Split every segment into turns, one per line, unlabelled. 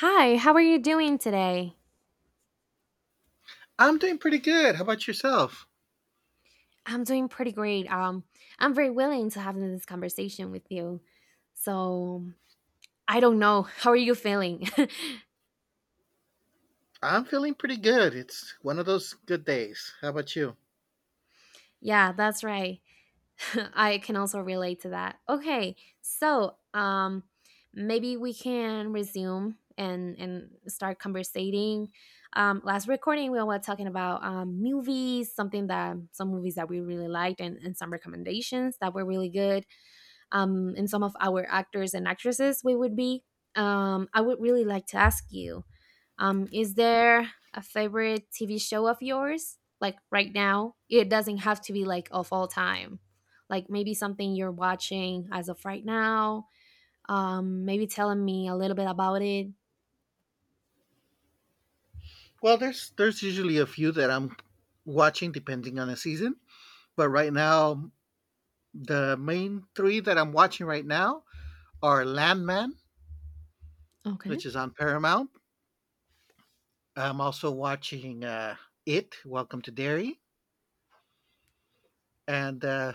Hi, how are you doing today?
I'm doing pretty good. How about yourself?
I'm doing pretty great. I'm very willing to have this conversation with you. So, I don't know. How are you feeling?
I'm feeling pretty good. It's one of those good days. How about you?
Yeah, that's right. I can also relate to that. Okay, so maybe we can resume and start conversating. Last recording, we were talking about movies, some movies that we really liked, and some recommendations that were really good. In some of our actors and actresses we would be. I would really like to ask you is there a favorite TV show of yours? Like right now? It doesn't have to be like of all time. Like maybe something you're watching as of right now. Maybe telling me a little bit about it.
Well, there's usually a few that I'm watching depending on the season, but right now the main three that I'm watching right now are Landman,
Okay.
which is on Paramount. I'm also watching It, Welcome to Derry, and uh,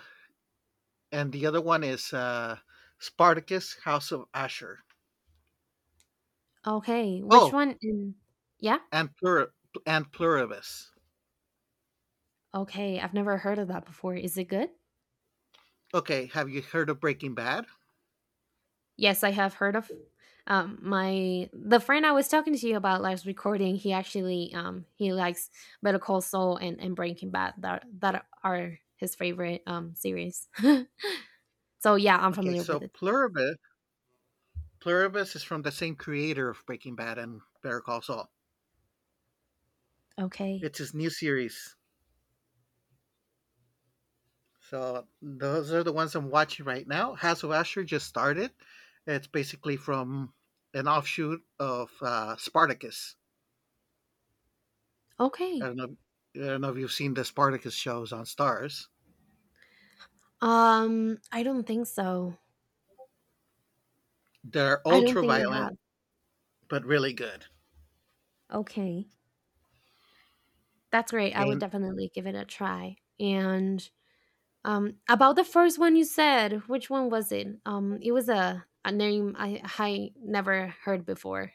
and the other one is Spartacus, House of Asher.
Okay. Which
Oh,
one? Yeah.
and Pluribus.
Okay. I've never heard of that before. Is it good?
Okay, have you heard of Breaking Bad?
Yes, I have heard of my the friend I was talking to you about last recording. He actually he likes Better Call Saul and Breaking Bad that are his favorite series. So yeah, I'm
Okay,
familiar
so
with it.
Pluribus is from the same creator of Breaking Bad and Better Call Saul.
Okay,
It's his new series. So those are the ones I'm watching right now. House of Usher just started. It's basically from an offshoot of Spartacus. I
okay.
don't know. I don't know if you've seen the Spartacus shows on Stars.
I don't think so.
They're
I don't
ultra
think I
violent,
have.
but really good.
Okay, that's great. I would
And
definitely give it a try. And about the first one you said, which one was it? It was a name I never heard before.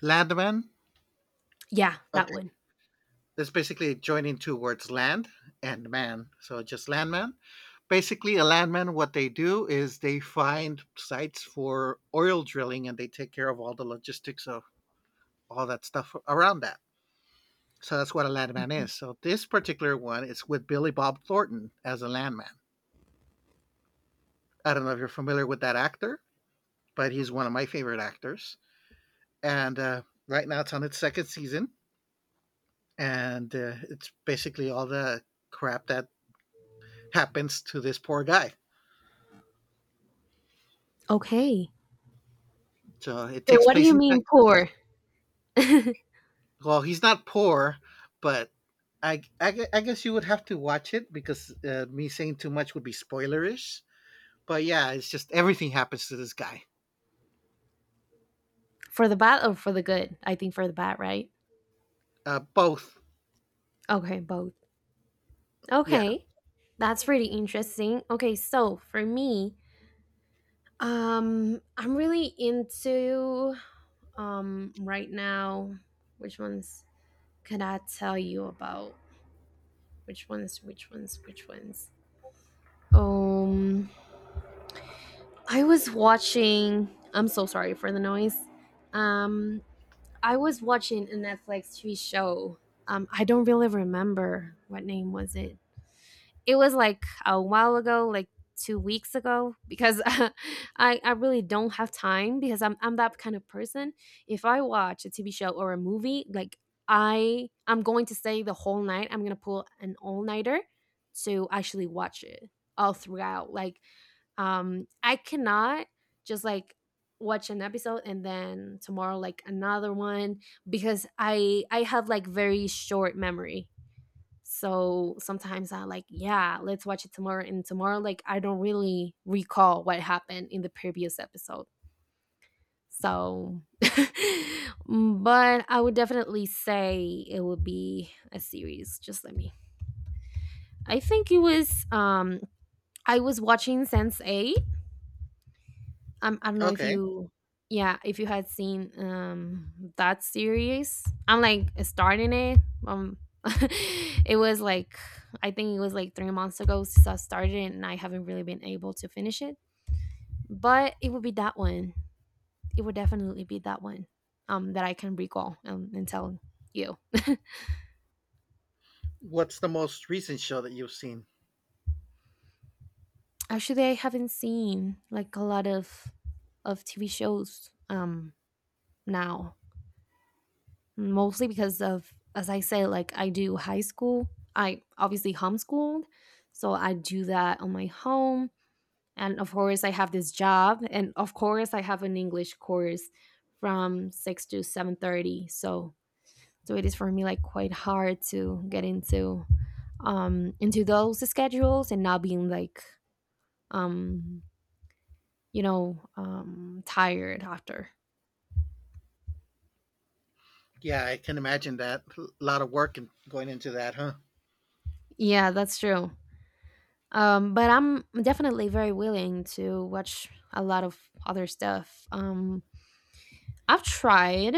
Landman.
Yeah, that
Okay.
one.
That's basically joining two words, land and man. So just landman. Basically, a landman, what they do is they find sites for oil drilling and they take care of all the logistics of all that stuff around that. So that's what a landman is. So this particular one is with Billy Bob Thornton as a landman. I don't know if you're familiar with that actor, but he's one of my favorite actors. And Right now it's on its second season, and it's basically all the crap that happens to this poor guy.
Okay.
So it
And
takes
what do
place
you
in
mean
Texas.
poor?
Well, he's not poor, but I guess you would have to watch it because me saying too much would be spoilerish. But yeah, it's just everything happens to this guy.
For the bad or for the good? I think for the bad, right?
Both.
Okay, both.
Yeah.
Okay. That's pretty interesting. Okay, so for me, I'm really into right now, which ones could I tell you about? Which ones, which ones, which ones? Um I was watching, I'm so sorry for the noise. Um I was watching a Netflix TV show. I don't really remember what name was it. It was like a while ago, like 2 weeks ago, because I really don't have time because I'm that kind of person. If I watch a TV show or a movie, like I'm going to stay the whole night. I'm gonna pull an all nighter to actually watch it all throughout. Like I cannot just like watch an episode and then tomorrow like another one because I have like very short memory. So sometimes I like, yeah, let's watch it tomorrow and tomorrow like I don't really recall what happened in the previous episode. So but I would definitely say it would be a series. Just let me. I think it was I was watching Sense A, I don't know if
Okay.
you, yeah, if you had seen that series. I'm like starting it. Um, it was like, I think it was like 3 months ago since I started it, and I haven't really been able to finish it. But it would be that one. It would definitely be that one. That I can recall and tell you.
What's the most recent show that you've seen?
Actually, I haven't seen like a lot of TV shows now, mostly because of, as I say, like I do high school. I obviously homeschooled, so I do that on my home. And of course, I have this job, and of course, I have an English course from 6 to 7:30. So it is for me like quite hard to get into those schedules and not being like um you know tired after.
Yeah, I can imagine that. A lot of work and going into that, huh?
Yeah, that's true. But I'm definitely very willing to watch a lot of other stuff. I've tried.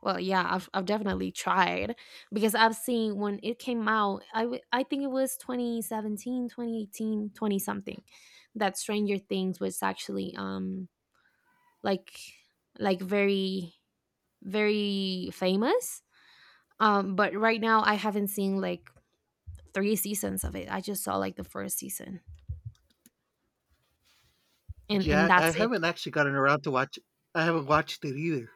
Well, yeah, I've definitely tried because I've seen when it came out, I think it was 2017, 2018, 20 18, twenty something, that Stranger Things was actually like like very famous. But right now I haven't seen like three seasons of it. I just saw like the first season and
Yeah, I
that's it.
haven't actually gotten around to watch. I haven't watched it either.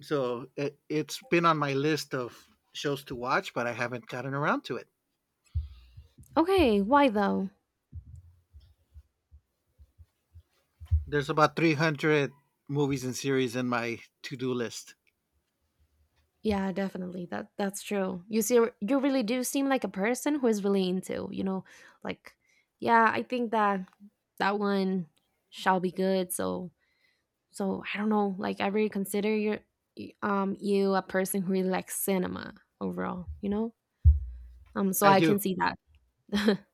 So it's been on my list of shows to watch, but I haven't gotten around to it.
Okay, why though?
There's about 300 movies and series in my to-do list.
Yeah, definitely. That's true. You see, you really do seem like a person who is really into, you know, like, yeah, I think that that one shall be good. So I don't know. Like, I really consider your you a person who really likes cinema overall. You know, so
I
I
do.
can see that.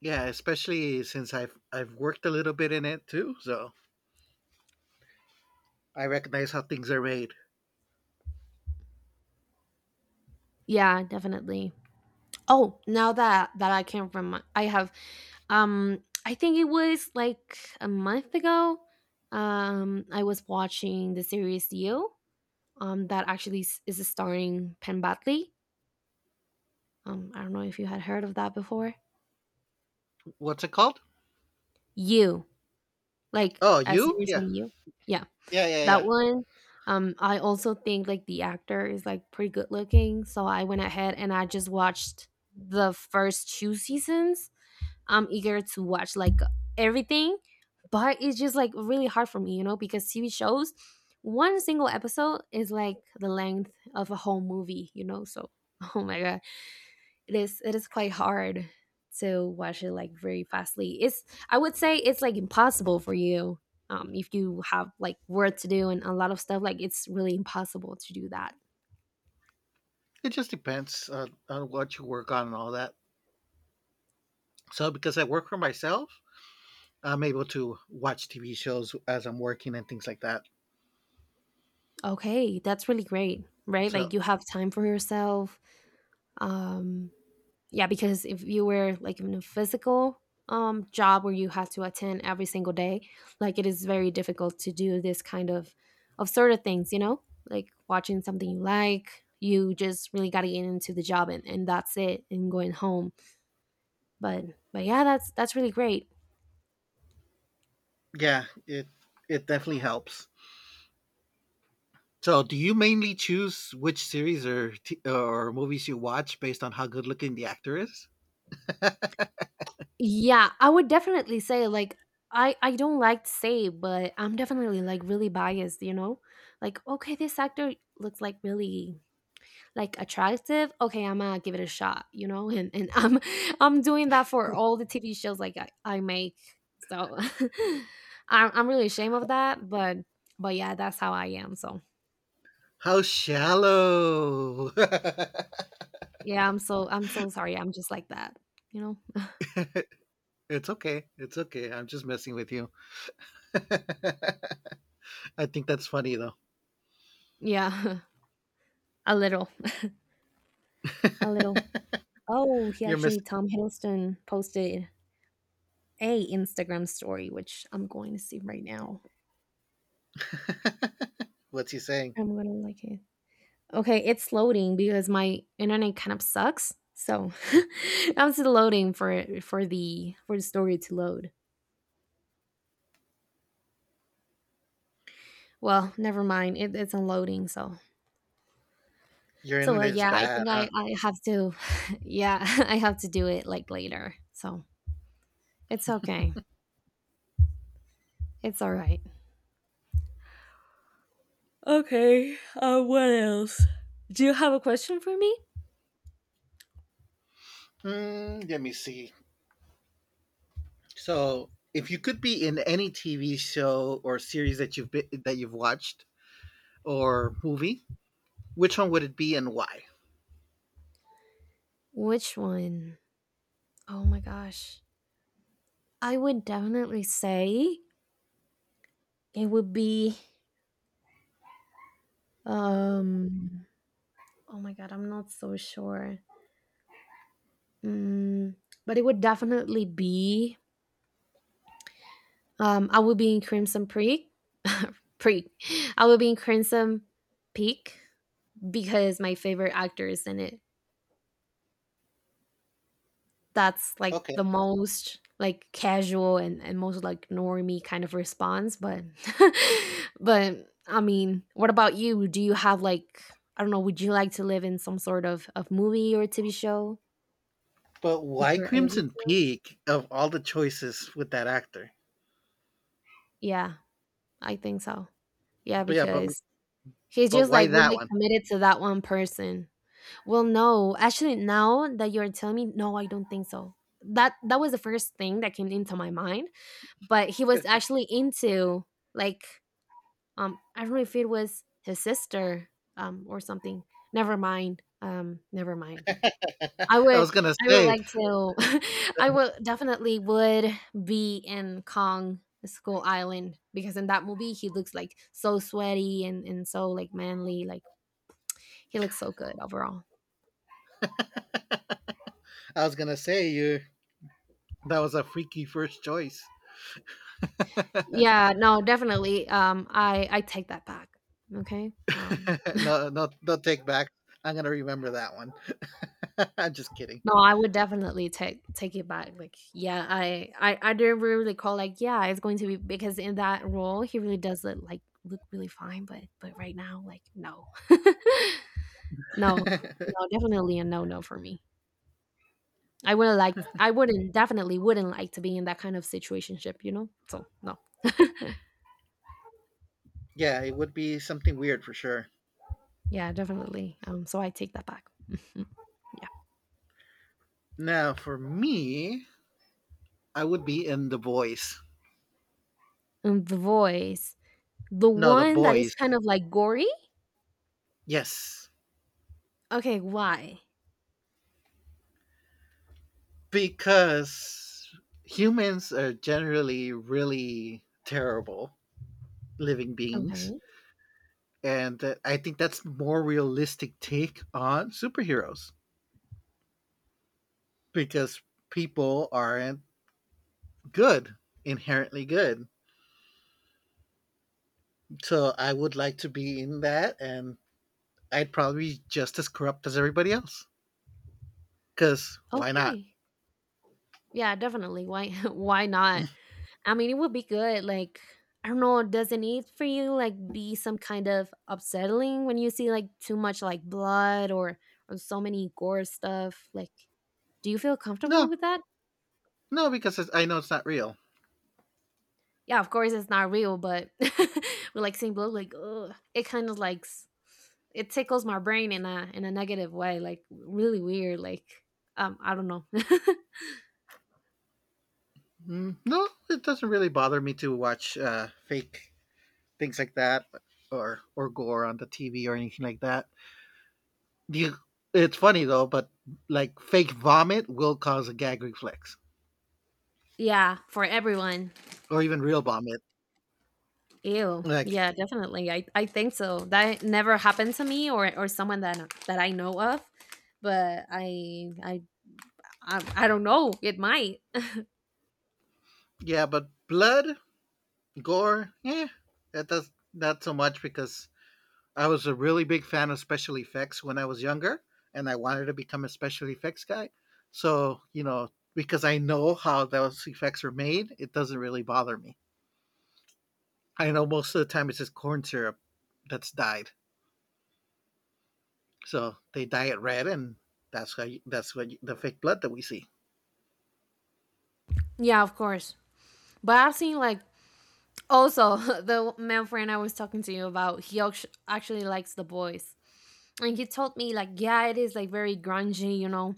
Yeah, especially since I've worked a little bit in it too, so I recognize how things are made.
Yeah, definitely. Oh, now that that I can remind, I have, I think it was like a month ago. I was watching the series You, that is starring Penn Badley. I don't know if you had heard of that before.
What's it called?
You, like
Oh,
as you
you?
were
Yeah.
saying, you, yeah,
Yeah, yeah,
that
yeah.
one. I also think like the actor is like pretty good looking, so I went ahead and I just watched the first two seasons. I'm eager to watch like everything, but it's just like really hard for me, you know, because TV shows, one single episode is like the length of a whole movie, you know. So, oh my god, it is, it is quite hard to watch it like very fastly. It's, I would say it's like impossible for you if you have like work to do and a lot of stuff, like it's really impossible to do that.
It just depends on what you work on and all that. So because I work for myself, I'm able to watch TV shows as I'm working and things like that.
Okay, that's really great, right?
So
Like you have time for yourself. Um Yeah, because if you were like in a physical job where you had to attend every single day, like it is very difficult to do this kind of sort of things, you know? Like watching something you like, you just really gotta get into the job and that's it and going home. But but yeah, that's really great.
yeah, it definitely helps. So, do you mainly choose which series or movies you watch based on how good looking the actor is?
Yeah, I would definitely say like I don't like to say, but I'm definitely like really biased, you know? Like okay, this actor looks like really like attractive, okay, I'm gonna give it a shot, you know, and I'm I'm doing that for all the TV shows, like I make, so I'm really ashamed of that, but yeah, that's how I am, so
How shallow!
yeah, I'm so sorry, I'm just like that, you know.
It's okay. It's okay. I'm just messing with you. I think that's funny though.
Yeah, a little, a little. Oh, he
You're miss.
actually Tom Hiddleston posted a Instagram story which I'm going to see right now,
What's he saying?
I'm gonna like it. Okay, it's loading because my internet kind of sucks. So I'm still loading for it, for the story to load. Well, never mind. It's unloading. So
Your
so
internet is
yeah, I
bad,
think
huh?
I have to. Yeah, I have to do it like later. So it's okay. It's all right. Okay, what else? Do you have a question for me?
Hmm, let me see. So, if you could be in any TV show or series that you've watched or movie, which one would it be and why?
Which one? Oh my gosh. I would definitely say it would be um oh my god, I'm not so sure. Mm, but it would definitely be I would be in Crimson Peak. Peak. I would be in Crimson Peak because my favorite actor is in it. That's like the
Okay.
most like casual and most like normie kind of response, but but I mean, what about you? Do you have like, I don't know, would you like to live in some sort of, movie or TV show
But
if
why
you're able
Crimson
to?
Peak of all the choices with that actor?
Yeah, I think so. Yeah,
But
because he's
but
just
why
like
that
really
one?
committed to that one person. Well, no, actually, now that you're telling me, no, I don't think so. That was the first thing that came into my mind, but he was actually into like I don't know if it was his sister or something. Never mind. Never mind. I
I
would
was gonna
I would
say,
like to I would definitely would be in Kong Skull Island because in that movie he looks like so sweaty and so like manly, like he looks so good overall.
I was gonna say you that was a freaky first choice.
Yeah, no, definitely. I take that back. Okay?
No, no take back. I'm gonna remember that one. I'm just kidding.
No, I would definitely take it back. Like, yeah, I didn't really call. Like, yeah, it's going to be because in that role he really does look like, look really fine, but right now, like, no. No, no, definitely a no no for me. I wouldn't definitely wouldn't like to be in that kind of situationship, you know? So no.
Yeah, it would be something weird for sure.
Yeah, definitely. So I take that back. Mhm. Yeah.
Now for me, I would be in The Boys.
And the voice. The
No, The
one that is
Boys.
kind of like gory?
Yes,
Okay, why?
because humans are generally really terrible living beings
Okay.
and I think that's more realistic take on superheroes because people aren't good inherently good, so I would like to be in that and I'd probably be just as corrupt as everybody else because why not.
Okay. Yeah, definitely. Why why not? I mean, it would be good. Like, I don't know, doesn't it for you like be some kind of upsetting when you see like too much like blood or so many gore stuff? Like, do you feel comfortable
no
with that?
no because it's, I know it's not real.
Yeah, of course it's not real, but we like seeing blood. Like, ugh, it kind of like it tickles my brain in a negative way. Like, really weird. Like, I don't know.
Mm, no it doesn't really bother me to watch fake things like that, or gore on the TV or anything like that. You, it's funny though, but like fake vomit will cause a gag reflex,
Yeah, for everyone.
or even real vomit.
Ew.
Like
Yeah, definitely. I think so. That never happened to me or someone that that I know of, but I don't know. It might.
yeah, but blood, gore, yeah, that does not so much because I was a really big fan of special effects when I was younger, and I wanted to become a special effects guy. So you know, because I know how those effects are made, it doesn't really bother me. I know most of the time it's just corn syrup that's dyed. So they dye it red, and that's how you, that's what you, the fake blood that we see.
Yeah, of course. But I've seen like also the man friend I was talking to you about. He actually likes the boys, and he told me like yeah, it is like very grungy, you know,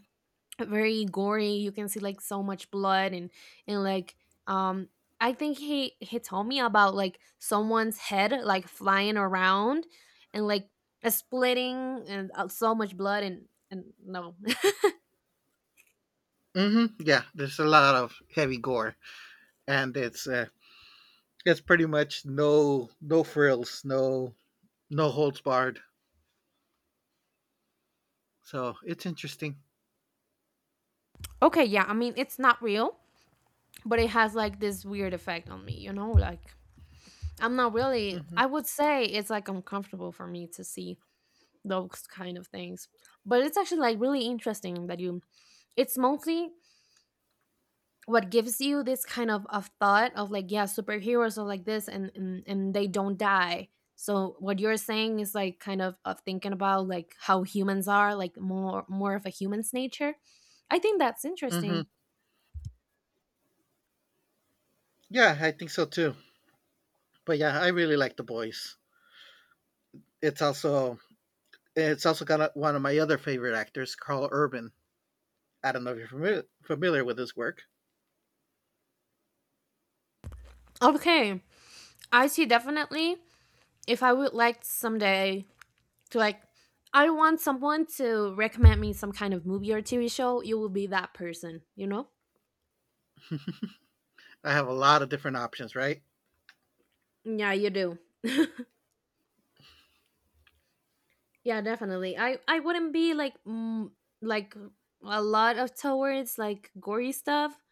very gory, you can see like so much blood and like um I think he told me about like someone's head like flying around and like a splitting and so much blood and no.
Hmm. Yeah, there's a lot of heavy gore, and it's pretty much no frills, no holds barred. So it's interesting.
Okay, yeah, I mean, it's not real, but it has like this weird effect on me, you know, like I'm not really,
Hmm.
I would say it's like uncomfortable for me to see those kind of things, but it's actually like really interesting that you, it's mostly what gives you this kind of thought of like, yeah, superheroes are like this and they don't die, so what you're saying is like kind of thinking about like how humans are like more of a human's nature. I think that's
Hmm.
interesting.
Yeah, I think so too. But yeah, I really like the boys. It's also it's also got one of my other favorite actors, Carl Urban. I don't know if you're familiar with his work.
Okay, I see. Definitely, if I would like someday to like, I want someone to recommend me some kind of movie or TV show, you will be that person, you know.
I have a lot of different options, right?
Yeah, you do. Yeah, definitely. I wouldn't be like mm, like a lot of towards like gory stuff,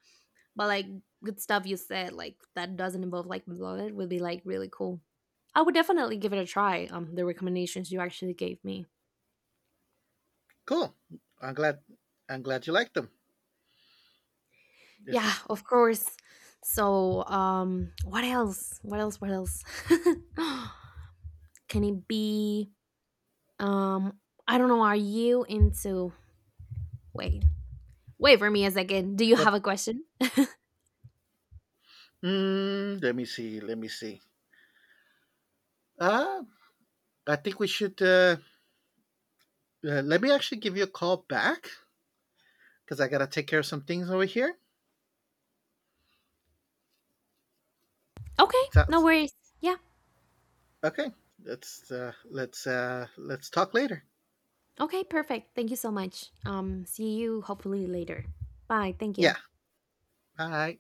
but like good stuff you said like that doesn't involve like blood would be like really cool. I would definitely give it a try. The recommendations you actually gave me.
Cool. I'm glad I'm glad you liked them. There's
Yeah, of course. So what else? What else? What else? Can it be? Um, I don't know. Are you into? Wait, wait for me a second. Do you
what?
have a question?
Mm, let me see. Let me see. Uh, I think we should. Let me actually give you a call back because I gotta take care of some things over here.
Okay, no
Sounds
worries. Yeah.
okay. Let's talk later.
Okay, perfect. Thank you so much. See you hopefully later. Bye. Thank
Yeah.
you.
Bye.